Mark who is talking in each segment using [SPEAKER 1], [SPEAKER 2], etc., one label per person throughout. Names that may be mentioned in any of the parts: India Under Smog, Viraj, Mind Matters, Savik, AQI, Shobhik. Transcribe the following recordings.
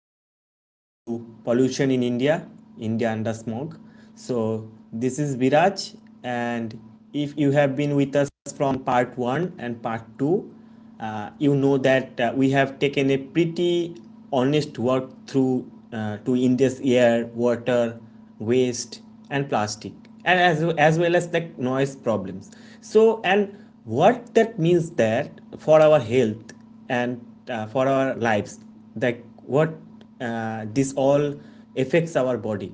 [SPEAKER 1] guys, to Pollution in India, India Under smog. So, this is Viraj, and if you have been with us from part one and part two, you know that we have taken a pretty honest walk through to India's air, water, waste, and plastic, and as well as like noise problems. So, and what that means that for our health and for our lives like what this all affects our body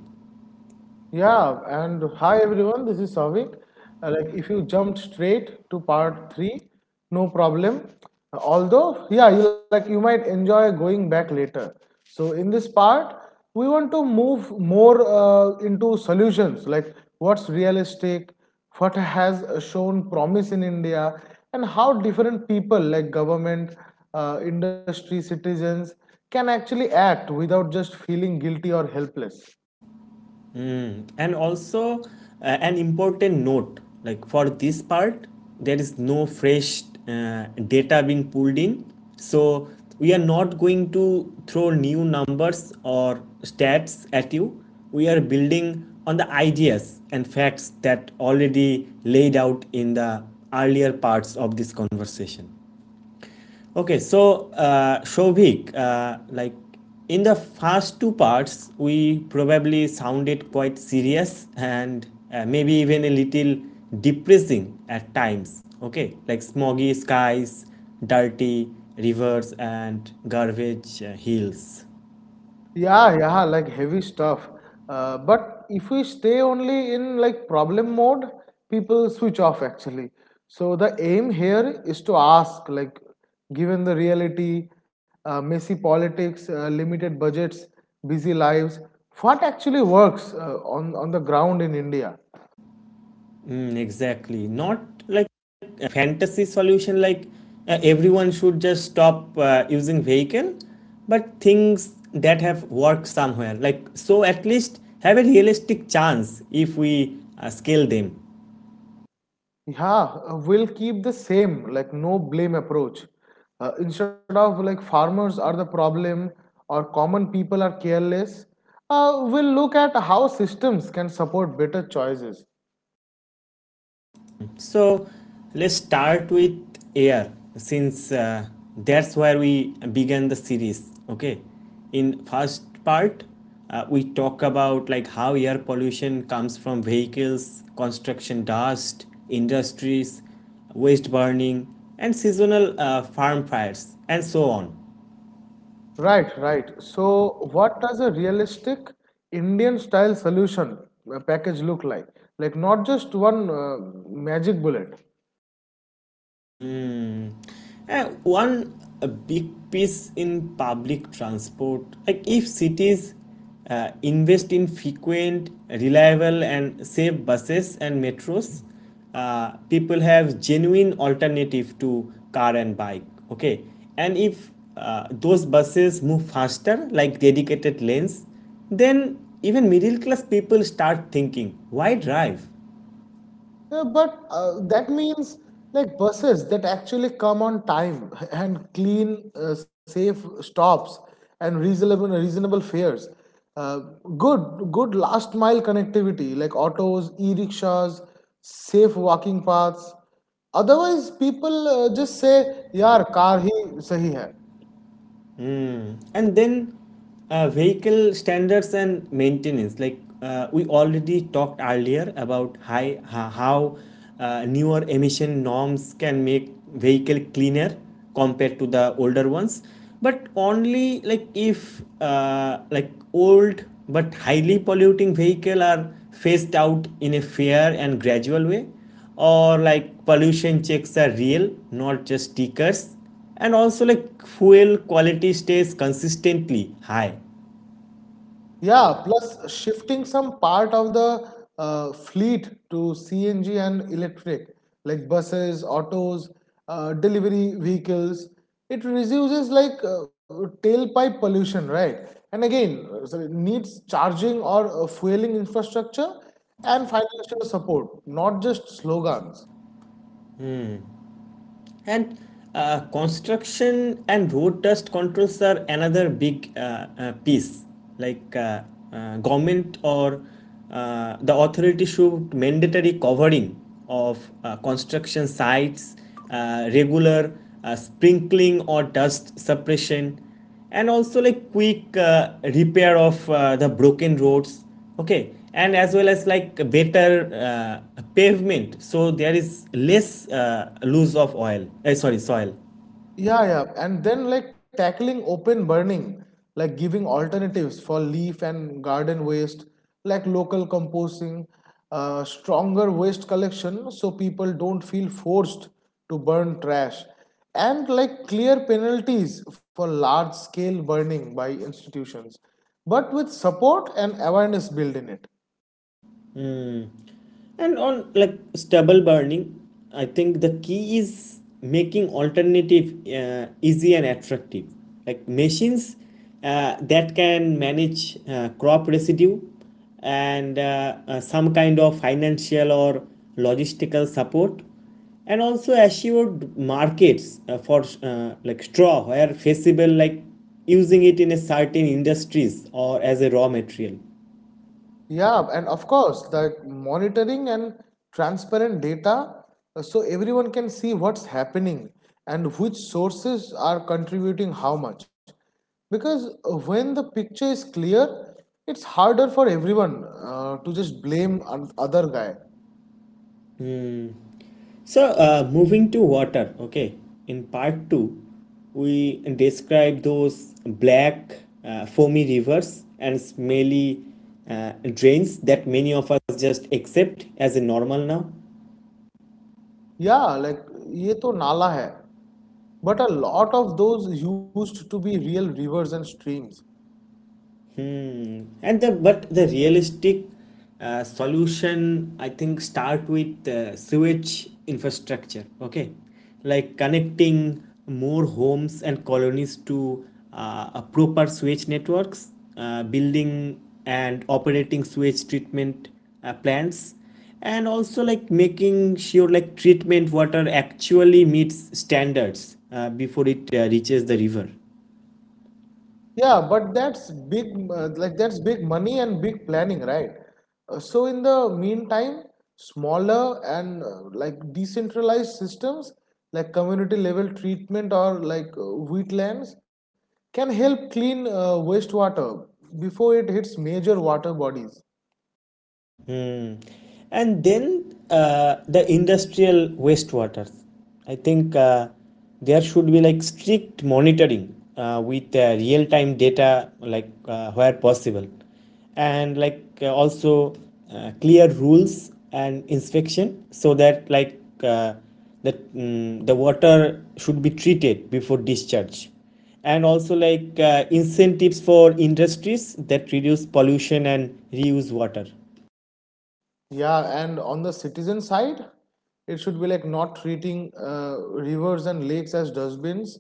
[SPEAKER 2] Yeah, and hi everyone, this is Savik. If you jumped straight to part three, no problem. Although, yeah, you might enjoy going back later. So in this part, we want to move more into solutions, like what's realistic, what has shown promise in India, and how different people, like government, industry, citizens, can actually act without just feeling guilty or helpless.
[SPEAKER 1] and also an important note like for this part there is no fresh data being pulled in, so we are not going to throw new numbers or stats at you. We are building on the ideas and facts that already laid out in the earlier parts of this conversation. Okay, so Shobhik, like in the first two parts, we probably sounded quite serious and maybe even a little depressing at times. Okay, like smoggy skies, dirty rivers, and garbage hills.
[SPEAKER 2] Yeah, yeah, like heavy stuff. But if we stay only in like problem mode, people switch off actually. So the aim here is to ask, like, given the reality, messy politics, limited budgets, busy lives, what actually works on the ground in India?
[SPEAKER 1] Mm, exactly. Not like a fantasy solution like everyone should just stop using vehicle, but things that have worked somewhere. Like so at least have a realistic chance if we scale them.
[SPEAKER 2] Yeah, we'll keep the same, like no blame approach. Instead of like farmers are the problem or common people are careless, we'll look at how systems can support better choices.
[SPEAKER 1] So let's start with air since that's where we began the series. Okay, in first part we talk about like how air pollution comes from vehicles, construction dust, industries, waste burning, and seasonal farm fires, and so on.
[SPEAKER 2] Right, right. So, what does a realistic Indian style solution package look like? Like, not just one magic bullet.
[SPEAKER 1] One a big piece in public transport. Like if cities invest in frequent, reliable, and safe buses and metros, people have genuine alternative to car and bike. Okay, and if those buses move faster, like dedicated lanes, then even middle class people start thinking, why drive?
[SPEAKER 2] Yeah, but that means like buses that actually come on time and clean, safe stops and reasonable fares. Uh, good last mile connectivity like autos, e-rickshaws, safe walking paths. Otherwise, people just say, "Yaar, car hi sahi hai."
[SPEAKER 1] And then vehicle standards and maintenance like we already talked earlier about how newer emission norms can make vehicle cleaner compared to the older ones, but only like if like old but highly polluting vehicle are phased out in a fair and gradual way, or like pollution checks are real not just stickers, and also like fuel quality stays consistently high.
[SPEAKER 2] Yeah, plus shifting some part of the fleet to CNG and electric, like buses, autos, delivery vehicles, it reduces tailpipe pollution, right? And again, so needs charging or fueling infrastructure and financial support, not just slogans.
[SPEAKER 1] And construction and road dust controls are another big piece, like government or the authority should mandatory covering of construction sites, regular sprinkling or dust suppression, and also like quick repair of the broken roads. Okay, and as well as like better pavement so there is less loss of oil sorry soil.
[SPEAKER 2] Yeah, yeah. And then like tackling open burning, like giving alternatives for leaf and garden waste, like local composting, stronger waste collection so people don't feel forced to burn trash, and like clear penalties for large scale burning by institutions, but with support and awareness built in it.
[SPEAKER 1] And on like stubble burning, I think the key is making alternative easy and attractive, like machines that can manage crop residue and some kind of financial or logistical support, and also assured markets for like straw where feasible, like using it in a certain industries or as a raw material.
[SPEAKER 2] Yeah, and of course, the monitoring and transparent data so everyone can see what's happening and which sources are contributing how much. Because when the picture is clear, it's harder for everyone to just blame other guy.
[SPEAKER 1] So, moving to water, okay, in part two, we describe those black, foamy rivers and smelly uh, drains that many of us just accept as a normal now.
[SPEAKER 2] Yeah, like ये तो नाला है. But a lot of those used to be real rivers and streams.
[SPEAKER 1] And the but the realistic solution I think start with sewage infrastructure. Okay, like connecting more homes and colonies to a proper sewage networks, building and operating sewage treatment plants, and also like making sure like treatment water actually meets standards before it reaches the river.
[SPEAKER 2] Yeah, but that's big, like that's big money and big planning, right? So in the meantime, smaller and like decentralized systems, like community level treatment or like wheatlands, can help clean wastewater before it hits major water bodies.
[SPEAKER 1] Hmm. And then the industrial wastewater. I think there should be like strict monitoring with real time data, like where possible, and like also clear rules and inspection so that the water should be treated before discharge, and also like incentives for industries that reduce pollution and reuse water.
[SPEAKER 2] Yeah, and on the citizen side, it should be like not treating rivers and lakes as dustbins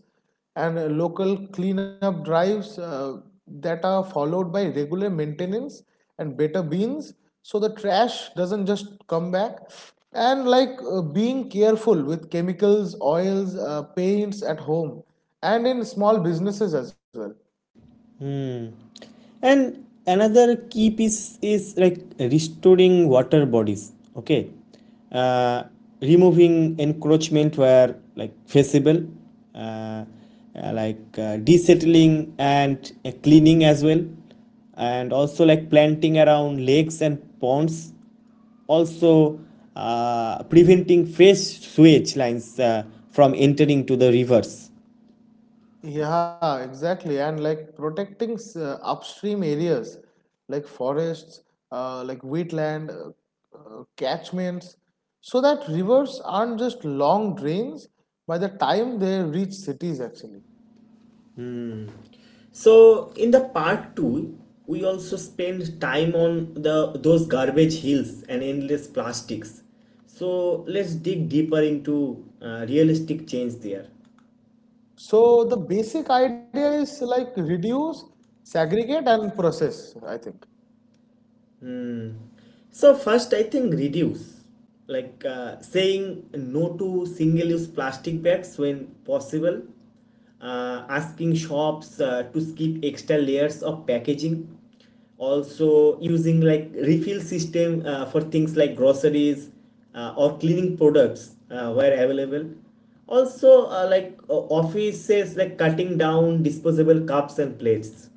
[SPEAKER 2] and local cleanup drives that are followed by regular maintenance and better bins so the trash doesn't just come back. And like being careful with chemicals, oils, paints at home and in small businesses as well.
[SPEAKER 1] Hmm. And another key piece is like restoring water bodies. Okay. Uh, removing encroachment where like feasible, uh, uh, desettling and cleaning as well, and also like planting around lakes and ponds, also preventing fresh sewage lines from entering to the rivers.
[SPEAKER 2] Yeah, exactly. And like protecting upstream areas like forests, like wheatland, catchments, so that rivers aren't just long drains by the time they reach cities, actually.
[SPEAKER 1] So in the part two, we also spend time on the those garbage hills and endless plastics. So let's dig deeper into realistic change there.
[SPEAKER 2] So the basic idea is like reduce, segregate, and process, I think.
[SPEAKER 1] So first, I think reduce, like saying no to single-use plastic bags when possible, asking shops to skip extra layers of packaging, also using like refill system for things like groceries or cleaning products where available. Also, offices like cutting down disposable cups and plates.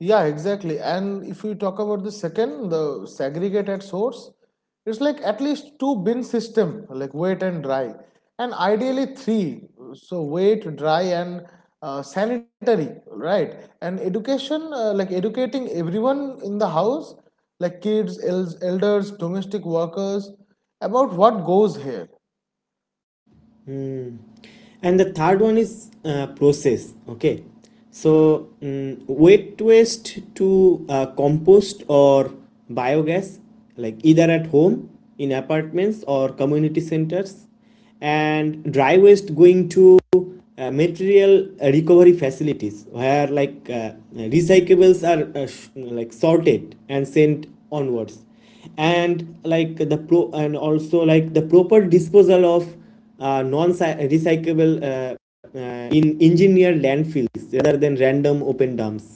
[SPEAKER 2] Yeah, exactly. And if we talk about the second, the segregate at source, it's like at least two bin system, like wet and dry, and ideally three. So wet, dry, and sanitary, right? And education, like educating everyone in the house, like kids, elders, domestic workers, about what goes here.
[SPEAKER 1] And the third one is process. Okay, so wet waste to compost or biogas, like either at home, in apartments or community centers, and dry waste going to material recovery facilities where recyclables are sorted and sent onwards, and like the pro and also like the proper disposal of non recyclable uh, in engineered landfills rather than random open dumps.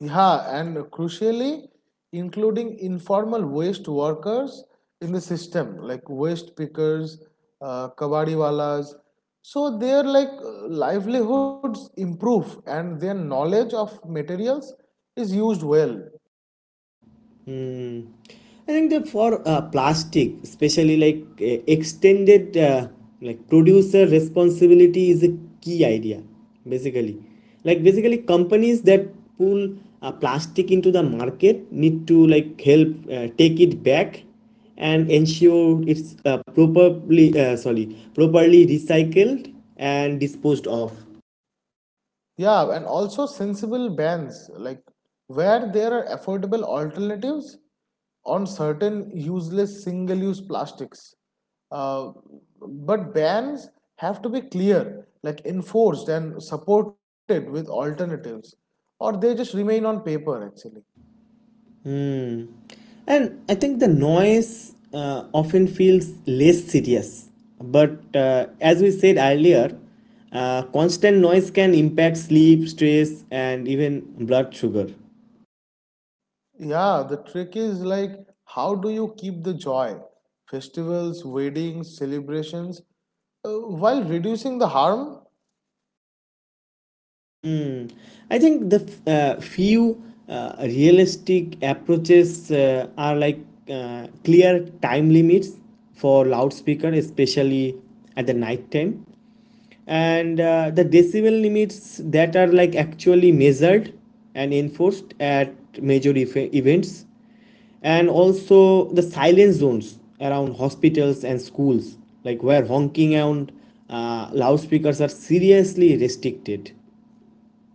[SPEAKER 2] Yeah, and crucially, including informal waste workers in the system, like waste pickers, kabadiwalas. So their like livelihoods improve and their knowledge of materials is used well.
[SPEAKER 1] Hmm. I think that for plastic, especially like extended like producer responsibility is a key idea, basically. Like basically companies that pull plastic into the market need to like help take it back and ensure it's properly recycled and disposed of.
[SPEAKER 2] Yeah, and also sensible bans, like where there are affordable alternatives on certain useless single use plastics. Uh, but bans have to be clear, like enforced and supported with alternatives, or they just remain on paper actually.
[SPEAKER 1] Hmm. And I think the noise often feels less serious. But as we said earlier, constant noise can impact sleep, stress, and even blood sugar.
[SPEAKER 2] Yeah, the trick is like how do you keep the joy? Festivals, weddings, celebrations, while reducing the harm.
[SPEAKER 1] Hmm. I think the few realistic approaches are like clear time limits for loudspeaker, especially at the night time, and the decibel limits that are like actually measured and enforced at events, and also the silence zones around hospitals and schools, like where honking and loudspeakers are seriously restricted.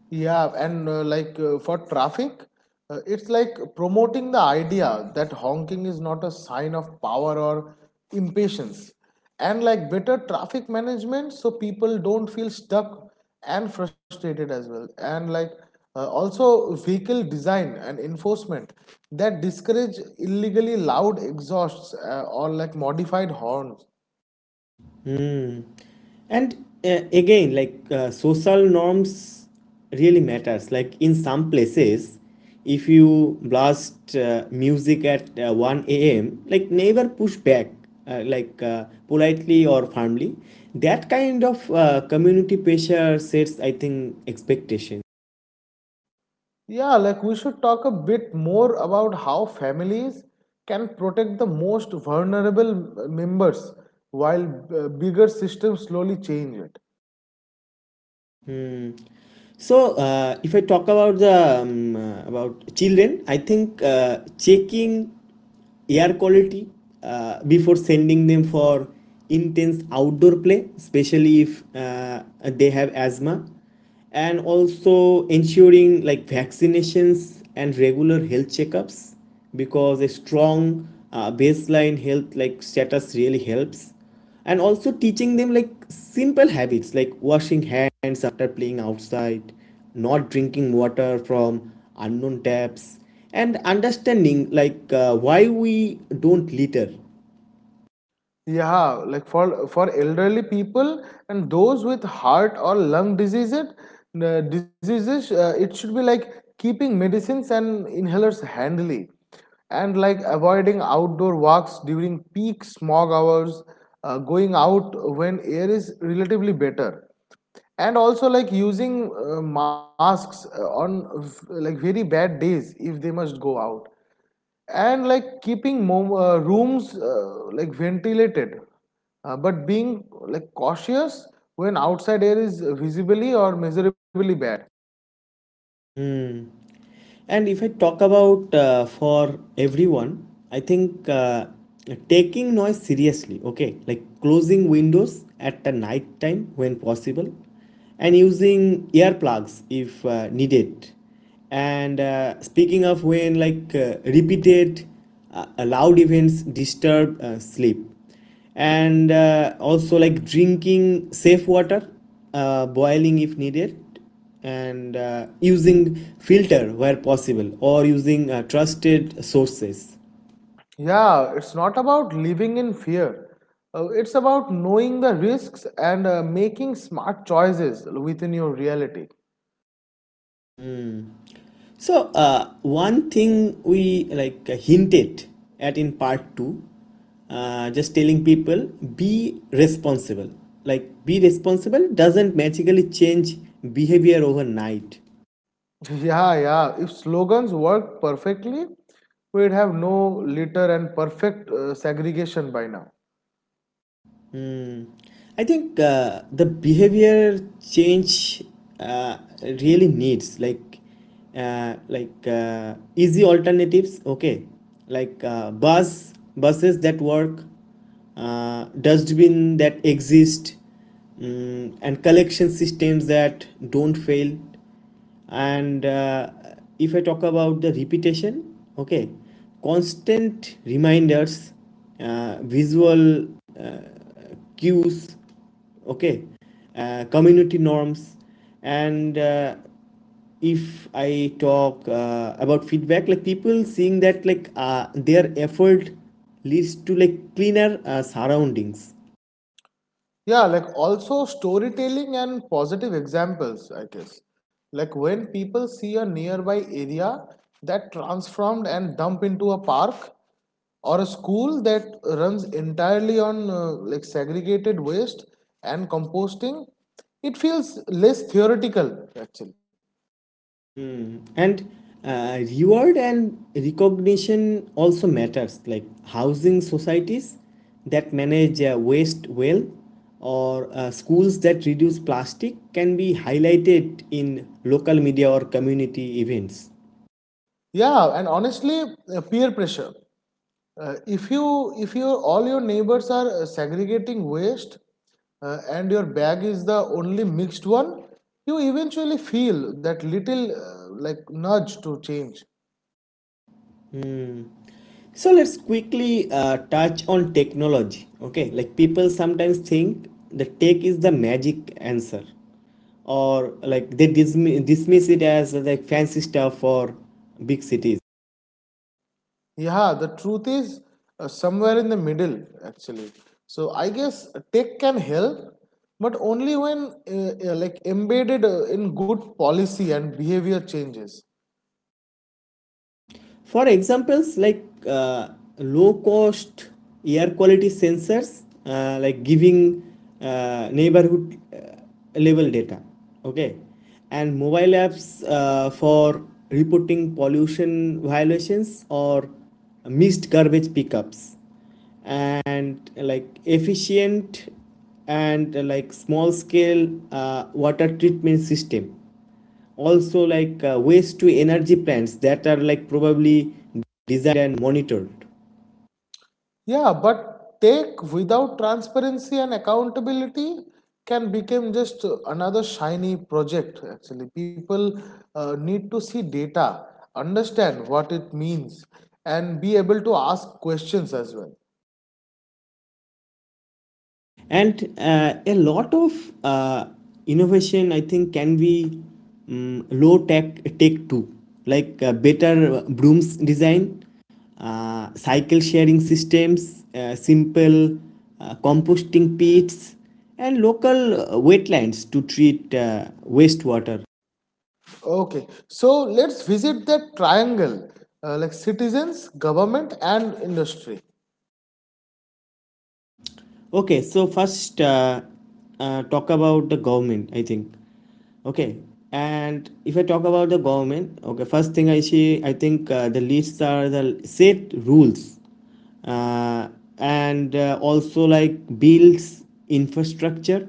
[SPEAKER 2] Yeah, and for traffic, it's like promoting the idea that honking is not a sign of power or impatience. And like better traffic management so people don't feel stuck and frustrated as well. And like also vehicle design and enforcement that discourage illegally loud exhausts or like modified horns.
[SPEAKER 1] And again social norms really matters, like in some places if you blast music at 1 a.m like never push back, politely or firmly, that kind of community pressure sets I think expectation.
[SPEAKER 2] Yeah, like we should talk a bit more about how families can protect the most vulnerable members while bigger systems slowly change it.
[SPEAKER 1] So if I talk about the about children, I think checking air quality before sending them for intense outdoor play, especially if they have asthma, and also ensuring like vaccinations and regular health checkups because a strong baseline health like status really helps, and also teaching them like simple habits like washing hands after playing outside, not drinking water from unknown taps, and understanding like why we don't litter.
[SPEAKER 2] Yeah, like for elderly people and those with heart or lung diseases, it should be like keeping medicines and inhalers handy, and like avoiding outdoor walks during peak smog hours, going out when air is relatively better, and also like using masks on like very bad days if they must go out and like keeping rooms like ventilated but being like cautious when outside air is visibly or measurably bad.
[SPEAKER 1] And if I talk about for everyone, I think taking noise seriously, okay, like closing windows at the night time when possible, and using earplugs if needed. And speaking of when like repeated loud events disturb sleep, and also like drinking safe water, boiling if needed, and using filter where possible or using trusted sources.
[SPEAKER 2] Yeah, it's not about living in fear. It's about knowing the risks and making smart choices within your reality.
[SPEAKER 1] So one thing we like hinted at in part 2, just telling people be responsible, like be responsible doesn't magically change behavior overnight.
[SPEAKER 2] Yeah, yeah, if slogans worked perfectly, we'd have no litter and perfect segregation by now.
[SPEAKER 1] Hmm. I think the behavior change uh, really needs like easy alternatives. Okay, like buses that work, dustbin that exist, and collection systems that don't fail. And if I talk about the repetition, okay, constant reminders, visual uh, cues, okay, community norms, and if I talk about feedback, like people seeing that their effort leads to like cleaner surroundings.
[SPEAKER 2] Yeah, like also storytelling and positive examples, I guess. Like when people see a nearby area that transformed and dump into a park or a school that runs entirely on like segregated waste and composting, it feels less theoretical actually.
[SPEAKER 1] Hmm. And reward and recognition also matters, like housing societies that manage waste well, or schools that reduce plastic can be highlighted in local media or community events.
[SPEAKER 2] Yeah, and honestly, peer pressure. Uh, if you if you all your neighbors are segregating waste and your bag is the only mixed one, you eventually feel that little like nudge to change.
[SPEAKER 1] So let's quickly touch on technology. Okay, like people sometimes think the tech is the magic answer, or like they dismiss it as like fancy stuff for big cities.
[SPEAKER 2] Yeah, the truth is somewhere in the middle actually. So I guess tech can help, but only when like embedded in good policy and behavior changes.
[SPEAKER 1] For examples like low cost air quality sensors, like giving neighborhood level data, okay, and mobile apps for reporting pollution violations or missed garbage pickups, and like efficient and like small scale water treatment system, also like waste to energy plants that are like probably designed and monitored.
[SPEAKER 2] Yeah, but take without transparency and accountability can become just another shiny project. Actually, people need to see data, understand what it means, and be able to ask questions as well.
[SPEAKER 1] And a lot of uh, innovation I think can be low tech too, like better brooms design, cycle sharing systems, simple composting pits, and local wetlands to treat wastewater.
[SPEAKER 2] Okay, so let's visit that triangle like citizens, government, and industry.
[SPEAKER 1] Okay, so first talk about the government, I think. Okay, and if I talk about the government, okay, first thing I see, I think the lists are the set rules uh, and also like builds infrastructure,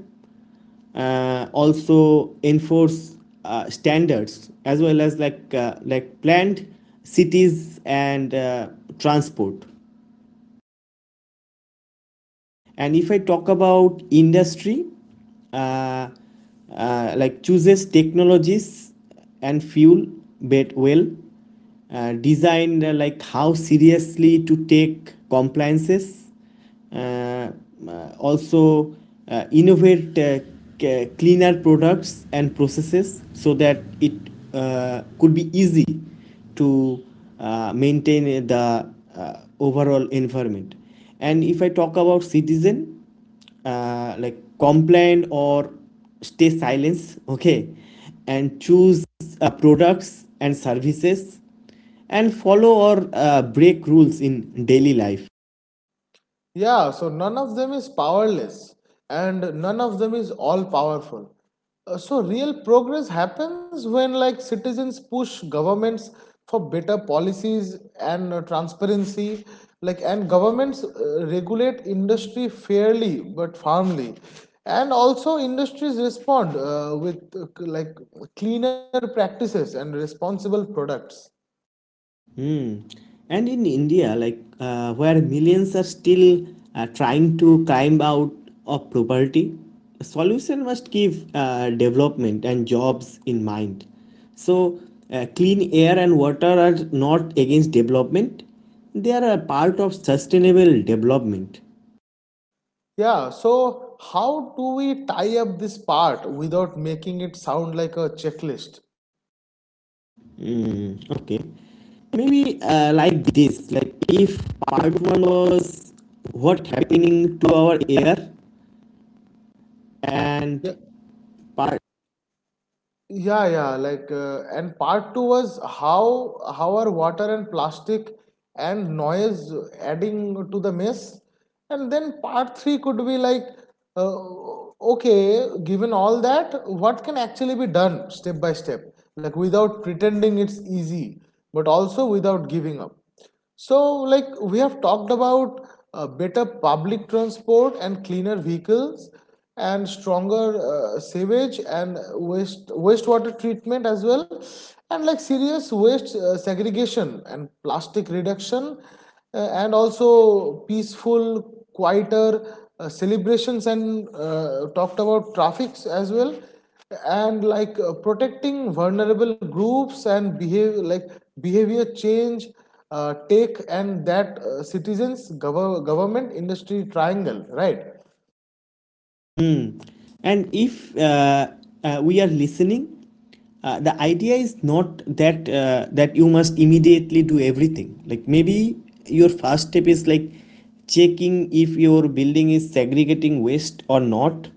[SPEAKER 1] also enforce standards as well as like planned cities and transport. And if I talk about industry, uh, like chooses technologies and fuel bet well, designed like how seriously to take compliances, uh, also innovate cleaner products and processes so that it could be easy to maintain the overall environment. And if I talk about citizen, like complain or stay silence, okay, and choose products and services and follow or break rules in daily life.
[SPEAKER 2] Yeah, so none of them is powerless and none of them is all powerful. So real progress happens when like citizens push governments for better policies and transparency like and governments regulate industry fairly but firmly and also industries respond with like cleaner practices and responsible products.
[SPEAKER 1] Hmm. And in India, like where millions are still trying to climb out of poverty, a solution must give development and jobs in mind. So, clean air and water are not against development; they are a part of sustainable development.
[SPEAKER 2] Yeah, so how do we tie up this part without making it sound like a checklist?
[SPEAKER 1] Hmm. Okay. Maybe like this, like if part one was what happening to our air
[SPEAKER 2] Yeah,
[SPEAKER 1] and part.
[SPEAKER 2] yeah, yeah. Like, and part two was how are water and plastic and noise adding to the mess, and then part three could be like, uh, okay, given all that, what can actually be done step by step, like without pretending it's easy, but also without giving up. So, like we have talked about better public transport and cleaner vehicles and stronger sewage and wastewater treatment as well and like serious waste segregation and plastic reduction and also peaceful quieter celebrations and talked about traffics as well and like protecting vulnerable groups and behave like behavior change take and that citizens government industry triangle, right?
[SPEAKER 1] Hmm. And if we are listening, the idea is not that that you must immediately do everything, like maybe your first step is like checking if your building is segregating waste or not,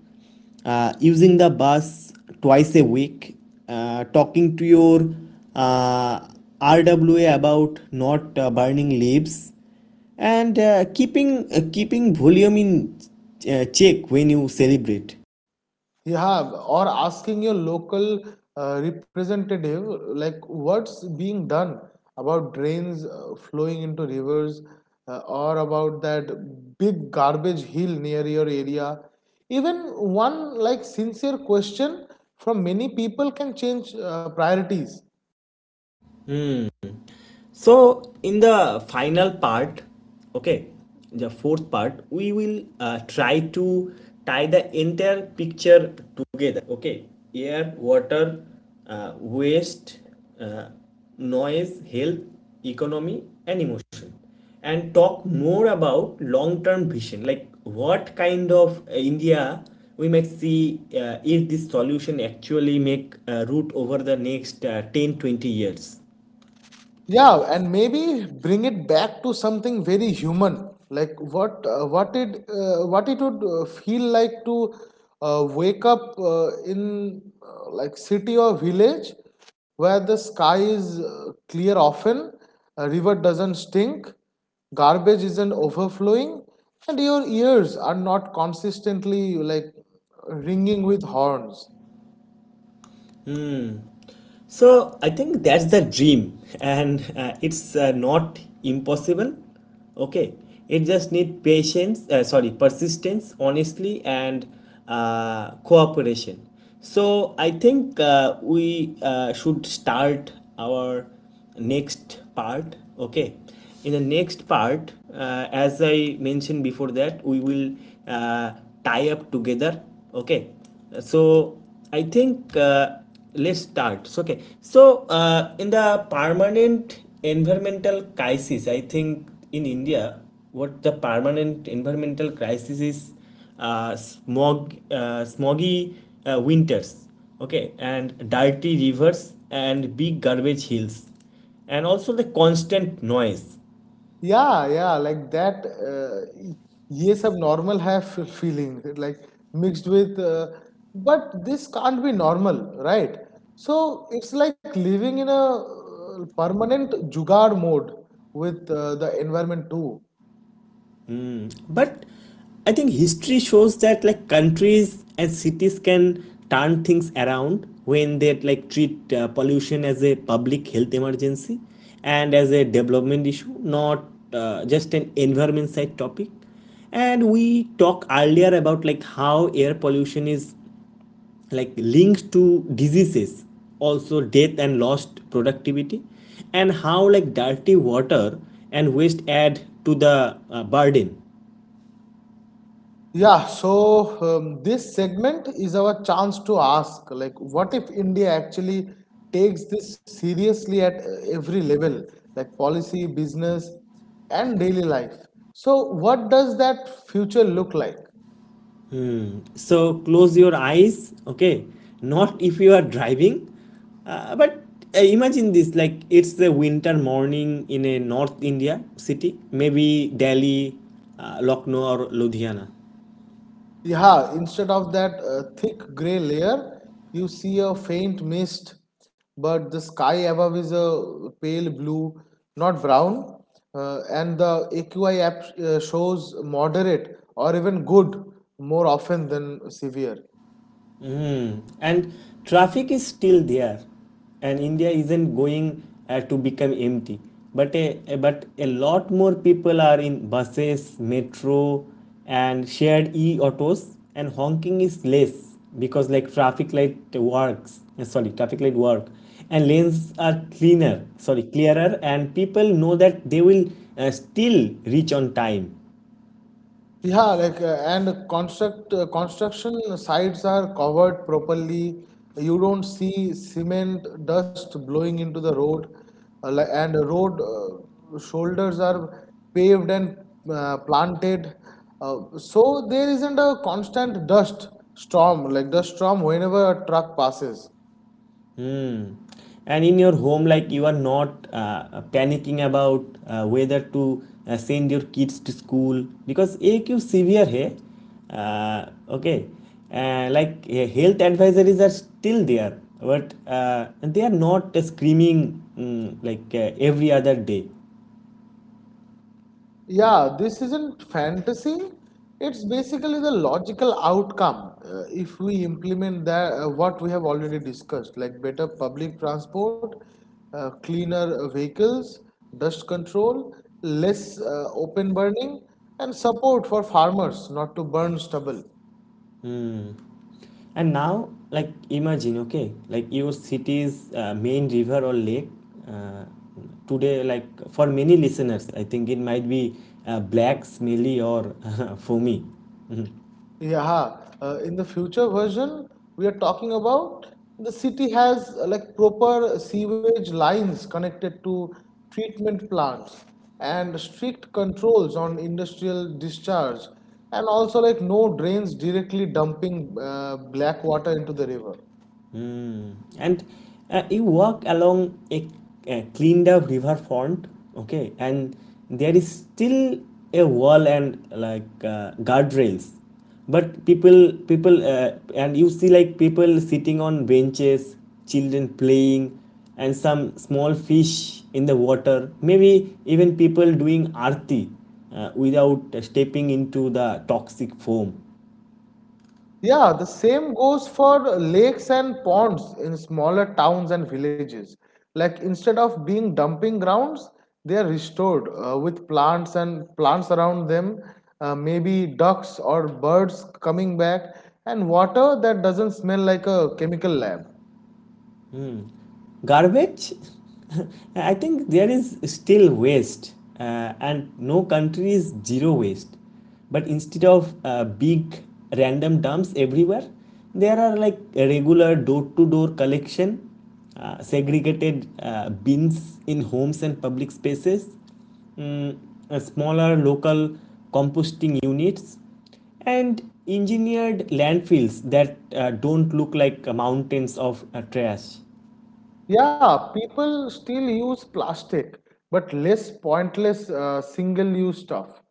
[SPEAKER 1] using the bus twice a week, talking to your uh, RWA about not burning leaves and keeping volume in check when you celebrate.
[SPEAKER 2] Yeah, or asking your local representative, like what's being done about drains flowing into rivers or about that big garbage hill near your area. Even one like sincere question from many people can change priorities.
[SPEAKER 1] So, in the final part, okay, the fourth part, we will try to tie the entire picture together. Okay, air, water, waste, uh, noise, health, economy, and emotion, and talk more about long term vision like what kind of India we might see if this solution actually make root over the next 10 to 20 years.
[SPEAKER 2] Yeah, and maybe bring it back to something very human, like what what it would feel like to wake up in like city or village where the sky is clear often, a river doesn't stink, garbage isn't overflowing, and your ears are not consistently like ringing with horns.
[SPEAKER 1] So I think that's the dream, and it's not impossible. Okay, it just need patience. Sorry, persistence, honestly, and cooperation. So I think we should start our next part. Okay, in the next part, as I mentioned before that, we will uh, tie up together. Okay, so I think let's start so, okay, so in the permanent environmental crisis I think in India, what the permanent environmental crisis is smog, smoggy winters, okay, and dirty rivers and big garbage hills and also the constant noise.
[SPEAKER 2] Yeah, yeah, like that. These are normal have feelings like mixed with, but this can't be normal, right? So it's like living in a permanent juggle mode with the environment too.
[SPEAKER 1] But I think history shows that like countries and cities can turn things around when they like treat pollution as a public health emergency and as a development issue, not just an environment side topic. And we talked earlier about like how air pollution is like linked to diseases, also death and lost productivity, and how like dirty water and waste add to the burden.
[SPEAKER 2] Yeah, so this segment is our chance to ask like, what if India actually takes this seriously at every level, like policy, business, and daily life? So, what does that future look like?
[SPEAKER 1] So close your eyes, okay, not if you are driving, but imagine this, like it's a winter morning in a north India city, maybe Delhi, Lucknow or Ludhiana.
[SPEAKER 2] Yeah, instead of that thick gray layer, you see a faint mist, but the sky above is a pale blue, not brown, and the AQI app shows moderate or even good more often than severe.
[SPEAKER 1] And traffic is still there, and India isn't going to become empty, but but a lot more people are in buses, metro, and shared e autos, and honking is less because like traffic light works, sorry, traffic light work, and lanes are cleaner, sorry, clearer, and people know that they will still reach on time.
[SPEAKER 2] Yeah, like and construction sites are covered properly. You don't see cement dust blowing into the road, and road shoulders are paved and planted. So there isn't a constant dust storm, whenever a truck passes.
[SPEAKER 1] Hmm. And in your home, like you are not panicking about whether to send your kids to school because AQ severe है, uh, okay, like health advisories are still there, but they are not screaming like every other day.
[SPEAKER 2] Yeah, this isn't fantasy. It's basically the logical outcome if we implement that what we have already discussed, like better public transport, cleaner vehicles, dust control, less open burning, and support for farmers not to burn stubble.
[SPEAKER 1] And now, like, imagine, okay, like your city's main river or lake. Uh, today, like, for many listeners, I think it might be black, smelly, or foamy.
[SPEAKER 2] Yeah, in the future version, we are talking about the city has like proper sewage lines connected to treatment plants and strict controls on industrial discharge, and also like no drains directly dumping black water into the river.
[SPEAKER 1] Mm. And you walk along a cleaned up riverfront, okay, and there is still a wall and like guardrails, but people people and you see like people sitting on benches, children playing, and some small fish in the water. Maybe even people doing arti without stepping into the toxic foam.
[SPEAKER 2] Yeah, the same goes for lakes and ponds in smaller towns and villages. Like instead of being dumping grounds, they are restored with plants and plants around them, maybe ducks or birds coming back, and water that doesn't smell like a chemical lab.
[SPEAKER 1] Garbage. I think there is still waste, and no country is zero waste, but instead of big random dumps everywhere, there are like regular door to door collection, segregated bins in homes and public spaces, mm, smaller local composting units and engineered landfills that don't look like mountains of trash.
[SPEAKER 2] Yeah, people still use plastic, but less pointless single-use stuff.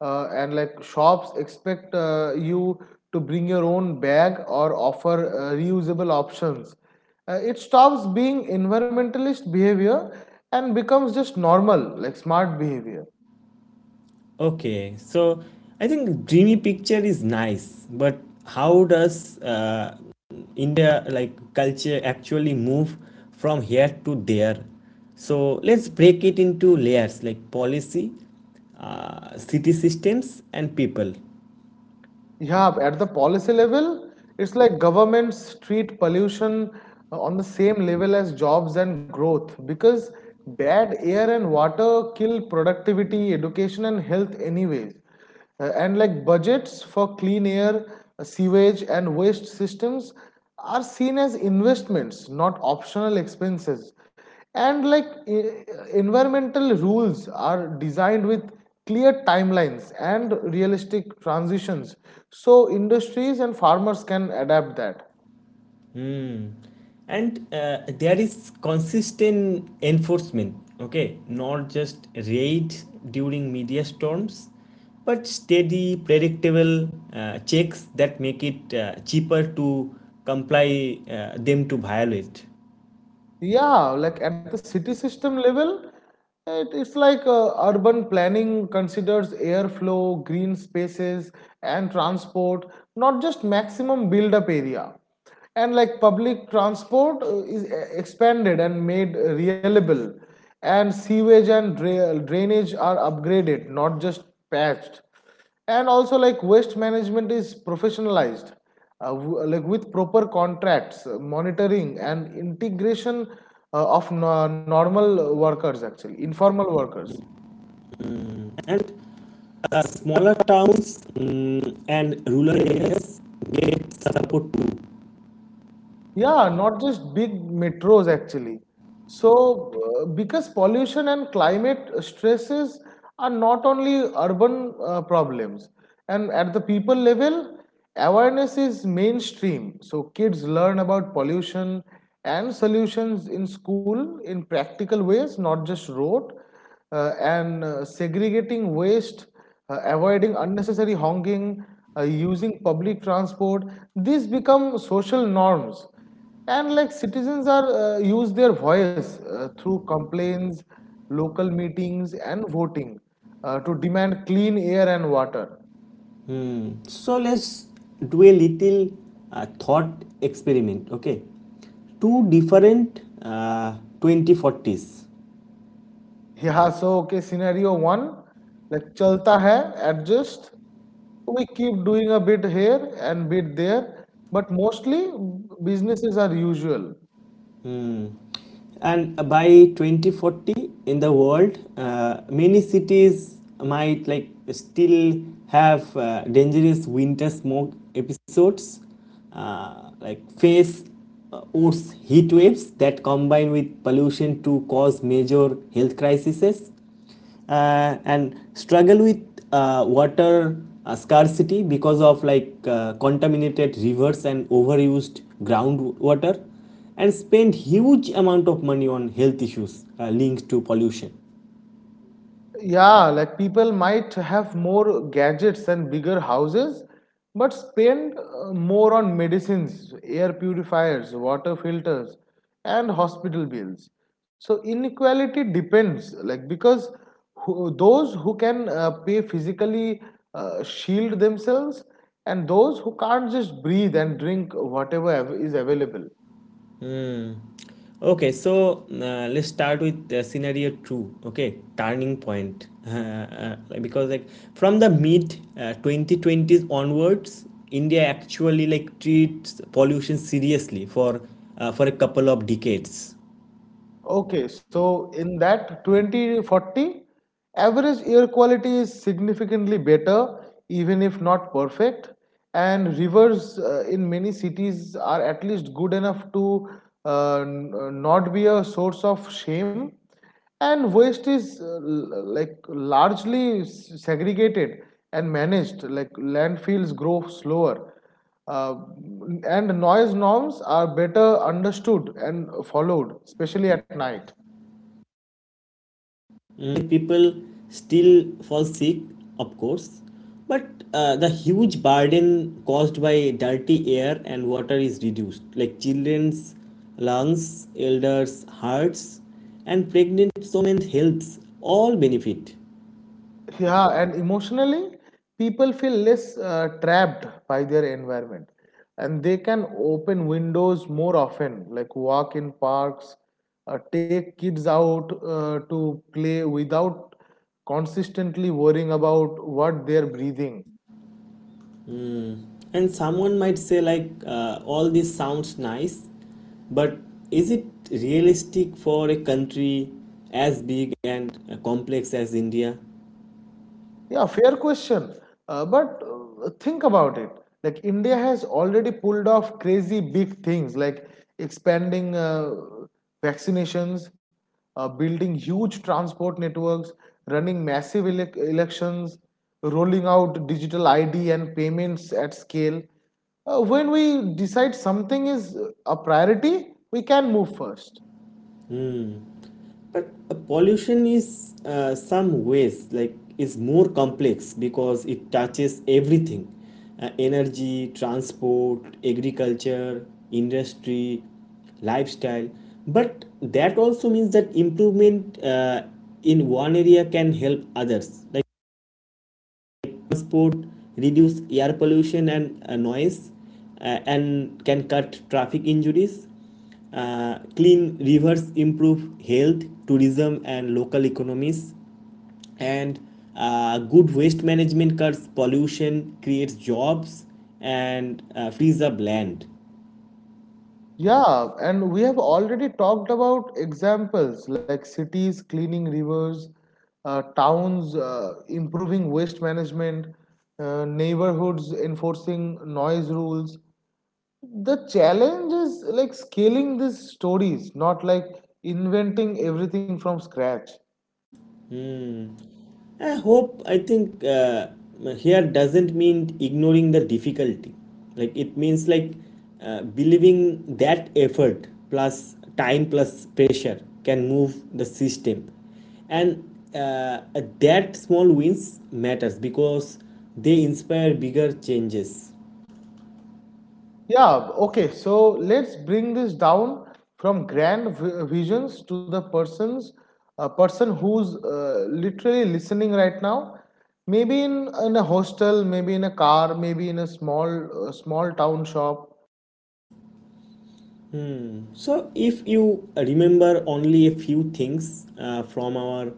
[SPEAKER 2] And like shops expect you to bring your own bag or offer reusable options. It stops being environmentalist behavior and becomes just normal, like smart behavior.
[SPEAKER 1] Okay, so I think dreamy picture is nice, but how does India like culture actually move from here to there? So let's break it into layers like policy, city systems, and people.
[SPEAKER 2] Yeah, at the policy level, it's like governments treat pollution on the same level as jobs and growth because bad air and water kill productivity, education, and health, anyways. And like budgets for clean air, sewage, and waste systems are seen as investments, not optional expenses, and like environmental rules are designed with clear timelines and realistic transitions so industries and farmers can adapt that.
[SPEAKER 1] Hmm. And there is consistent enforcement, okay? Not just raids during media storms, but steady, predictable checks that make it cheaper to comply them to violate.
[SPEAKER 2] Yeah, like at the city system level, it's like urban planning considers airflow, green spaces, and transport, not just maximum build up area. And like public transport is expanded and made reliable, and sewage and drainage are upgraded, not just patched, and also like waste management is professionalized, uh, like with proper contracts, monitoring and integration of normal workers, actually informal workers.
[SPEAKER 1] And smaller towns, and rural areas get support too.
[SPEAKER 2] Yeah, not just big metros actually. So, because pollution and climate stresses are not only urban problems, and at the people level, awareness is mainstream. So, kids learn about pollution and solutions in school in practical ways, not just rote, and segregating waste, avoiding unnecessary honking, using public transport, these become social norms. And like citizens are use their voice through complaints, local meetings, and voting to demand clean air and water.
[SPEAKER 1] So let's do a little thought experiment, okay? Two different 2040s.
[SPEAKER 2] Yeah, so okay, scenario one, like chalta hai, adjust. We keep doing a bit here and bit there, but mostly businesses are usual.
[SPEAKER 1] Mm. And by 2040 in the world, many cities might like still have dangerous winter smoke episodes, like face worse heat waves that combine with pollution to cause major health crises, and struggle with water scarcity because of like contaminated rivers and overused groundwater, and spend huge amount of money on health issues linked to pollution.
[SPEAKER 2] Yeah, like people might have more gadgets and bigger houses, but spend more on medicines, air purifiers, water filters, and hospital bills. So inequality depends, like because who, those who can pay physically shield themselves, and those who can't just breathe and drink whatever is available.
[SPEAKER 1] Hmm. Okay, so let's start with scenario two. Okay, turning point. Like, because like from the mid 2020s onwards, India actually like treats pollution seriously for a couple of decades.
[SPEAKER 2] Okay, so in that 2040, average air quality is significantly better, even if not perfect. And rivers in many cities are at least good enough to not be a source of shame. And waste is like largely segregated and managed, like landfills grow slower. Uh, and noise norms are better understood and followed, especially at night.
[SPEAKER 1] Mm, people still fall sick, of course, but the huge burden caused by dirty air and water is reduced. Like children's lungs, elders' hearts, and pregnant women's health all benefit.
[SPEAKER 2] Yeah, and emotionally, people feel less trapped by their environment and they can open windows more often, like walk in parks, take kids out to play without consistently worrying about what they're breathing.
[SPEAKER 1] And someone might say, like, all this sounds nice, but is it realistic for a country as big and complex as India?
[SPEAKER 2] Yeah, fair question. But think about it. Like India has already pulled off crazy big things, like expanding vaccinations, building huge transport networks, running massive elections, rolling out digital ID and payments at scale. When we decide something is a priority, we can move first.
[SPEAKER 1] But pollution is some ways like is more complex because it touches everything. Energy, transport, agriculture, industry, lifestyle. But that also means that improvement in one area can help others. Like transport, reduce air pollution and noise, and can cut traffic injuries. Clean rivers improve health, tourism, and local economies. And good waste management cuts pollution, creates jobs, and frees up land.
[SPEAKER 2] Yeah, and we have already talked about examples like cities cleaning rivers, towns improving waste management, neighborhoods enforcing noise rules. The challenge is like scaling these stories, not like inventing everything from scratch.
[SPEAKER 1] I hope, I think here doesn't mean ignoring the difficulty. Like it means like believing that effort plus time plus pressure can move the system. And that small wins matters because they inspire bigger changes.
[SPEAKER 2] Yeah, okay, so let's bring this down from grand visions to the persons, a person who's literally listening right now. Maybe in a hostel, maybe in a car, maybe in a small small town shop.
[SPEAKER 1] So, if you remember only a few things from our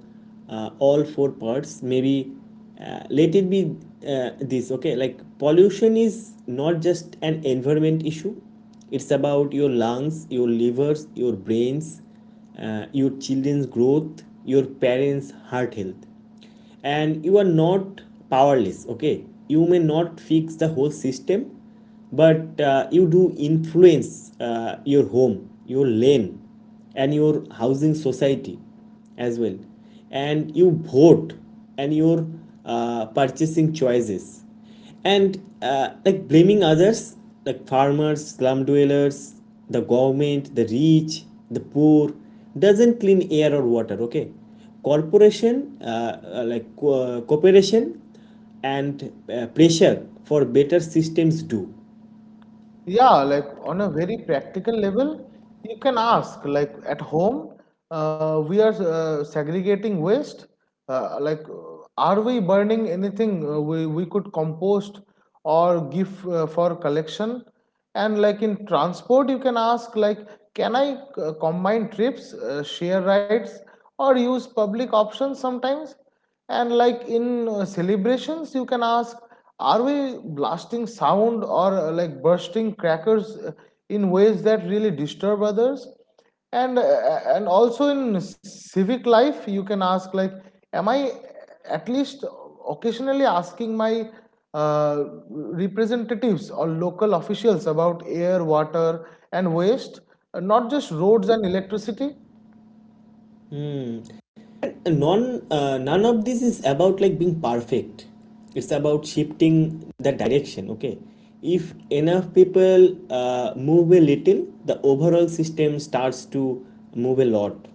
[SPEAKER 1] all 4 parts, maybe let it be this, okay? Like, pollution is not just an environment issue, it's about your lungs, your livers, your brains, your children's growth, your parents' heart health. And you are not powerless, okay? You may not fix the whole system, but you do influence your home, your lane, and your housing society as well, and you vote, and your purchasing choices. And like blaming others like farmers, slum dwellers, the government, the rich, the poor, doesn't clean air or water, okay? Corporation, uh, cooperation and pressure for better systems do.
[SPEAKER 2] Yeah, like on a very practical level, you can ask, like at home, we are segregating waste. Like, are we burning anything we could compost or give for collection? And like in transport, you can ask, like, can I combine trips, share rides, or use public options sometimes? And like in celebrations, you can ask, are we blasting sound or like bursting crackers in ways that really disturb others? And also in civic life, you can ask like, am I at least occasionally asking my uh, representatives or local officials about air, water, and waste, not just roads and electricity?
[SPEAKER 1] Hmm. None of this is about like being perfect, it's about shifting the direction, okay? If enough people move a little, the overall system starts to move a lot.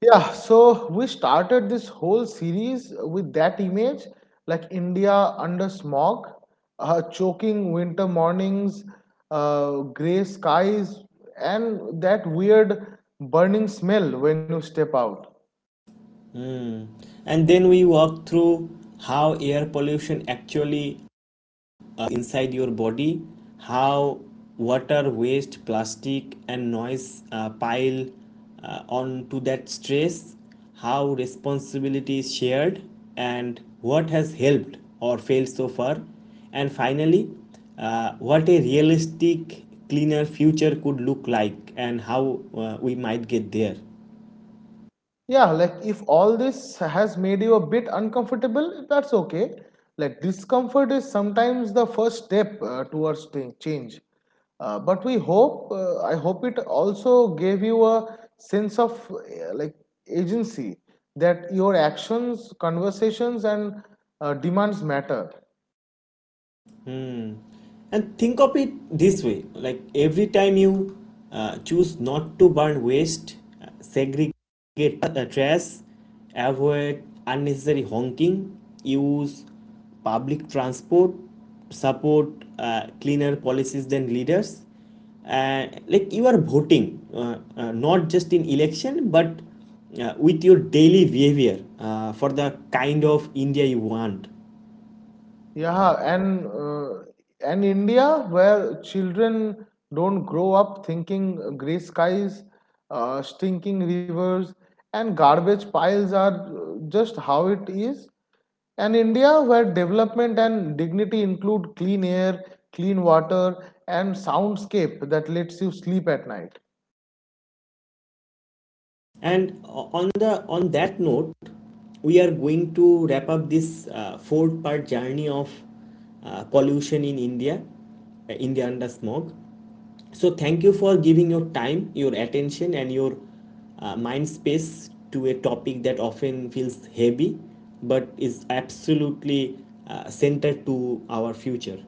[SPEAKER 2] Yeah, so we started this whole series with that image, like India under smog, choking winter mornings, gray skies, and that weird burning smell when you step out.
[SPEAKER 1] Hmm. And then we walk through how air pollution actually inside your body, how water, waste, plastic, and noise pile onto that stress, how responsibility is shared, and what has helped or failed so far, and finally, what a realistic, cleaner future could look like, and how we might get there.
[SPEAKER 2] Yeah, like if all this has made you a bit uncomfortable, that's okay. Like discomfort is sometimes the first step towards change. But we hope, I hope it also gave you a sense of like agency, that your actions, conversations, and demands matter.
[SPEAKER 1] Hmm. And think of it this way, like every time you choose not to burn waste, segregate trash, avoid unnecessary honking, use public transport, support cleaner policies than leaders. Like you are voting, not just in election but with your daily behavior for the kind of India you want.
[SPEAKER 2] Yeah, and India, where children don't grow up thinking gray skies, stinking rivers, and garbage piles are just how it is. And India, where development and dignity include clean air, clean water, and soundscape that lets you sleep at night.
[SPEAKER 1] And on that note, we are going to wrap up this 4-part journey of pollution in India, India under smog. So thank you for giving your time, your attention, and your mind space to a topic that often feels heavy, but is absolutely centered to our future.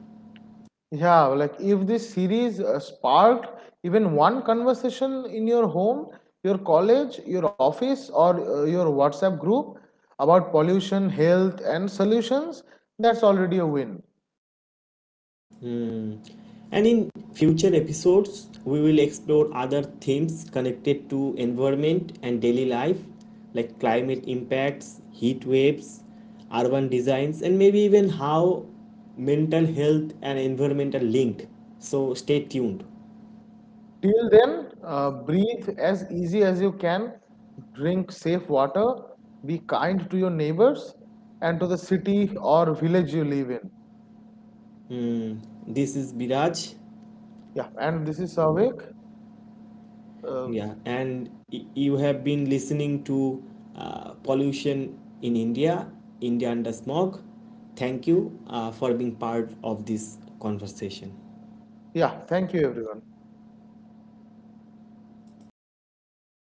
[SPEAKER 2] Yeah, like if this series sparked even one conversation in your home, your college, your office, or your WhatsApp group about pollution, health, and solutions, that's already a win.
[SPEAKER 1] Mm. And in future episodes, we will explore other themes connected to environment and daily life, like climate impacts, heat waves, urban designs, and maybe even how mental health and environment are linked. So stay tuned.
[SPEAKER 2] Till then, breathe as easy as you can, drink safe water, be kind to your neighbors and to the city or village you live in.
[SPEAKER 1] Hmm. This is Biraj.
[SPEAKER 2] Yeah, and this is Savik. Uh,
[SPEAKER 1] Yeah, and you have been listening to Pollution in India, India Under Smog. Thank you for being part of this conversation.
[SPEAKER 2] yeah, thank you, everyone.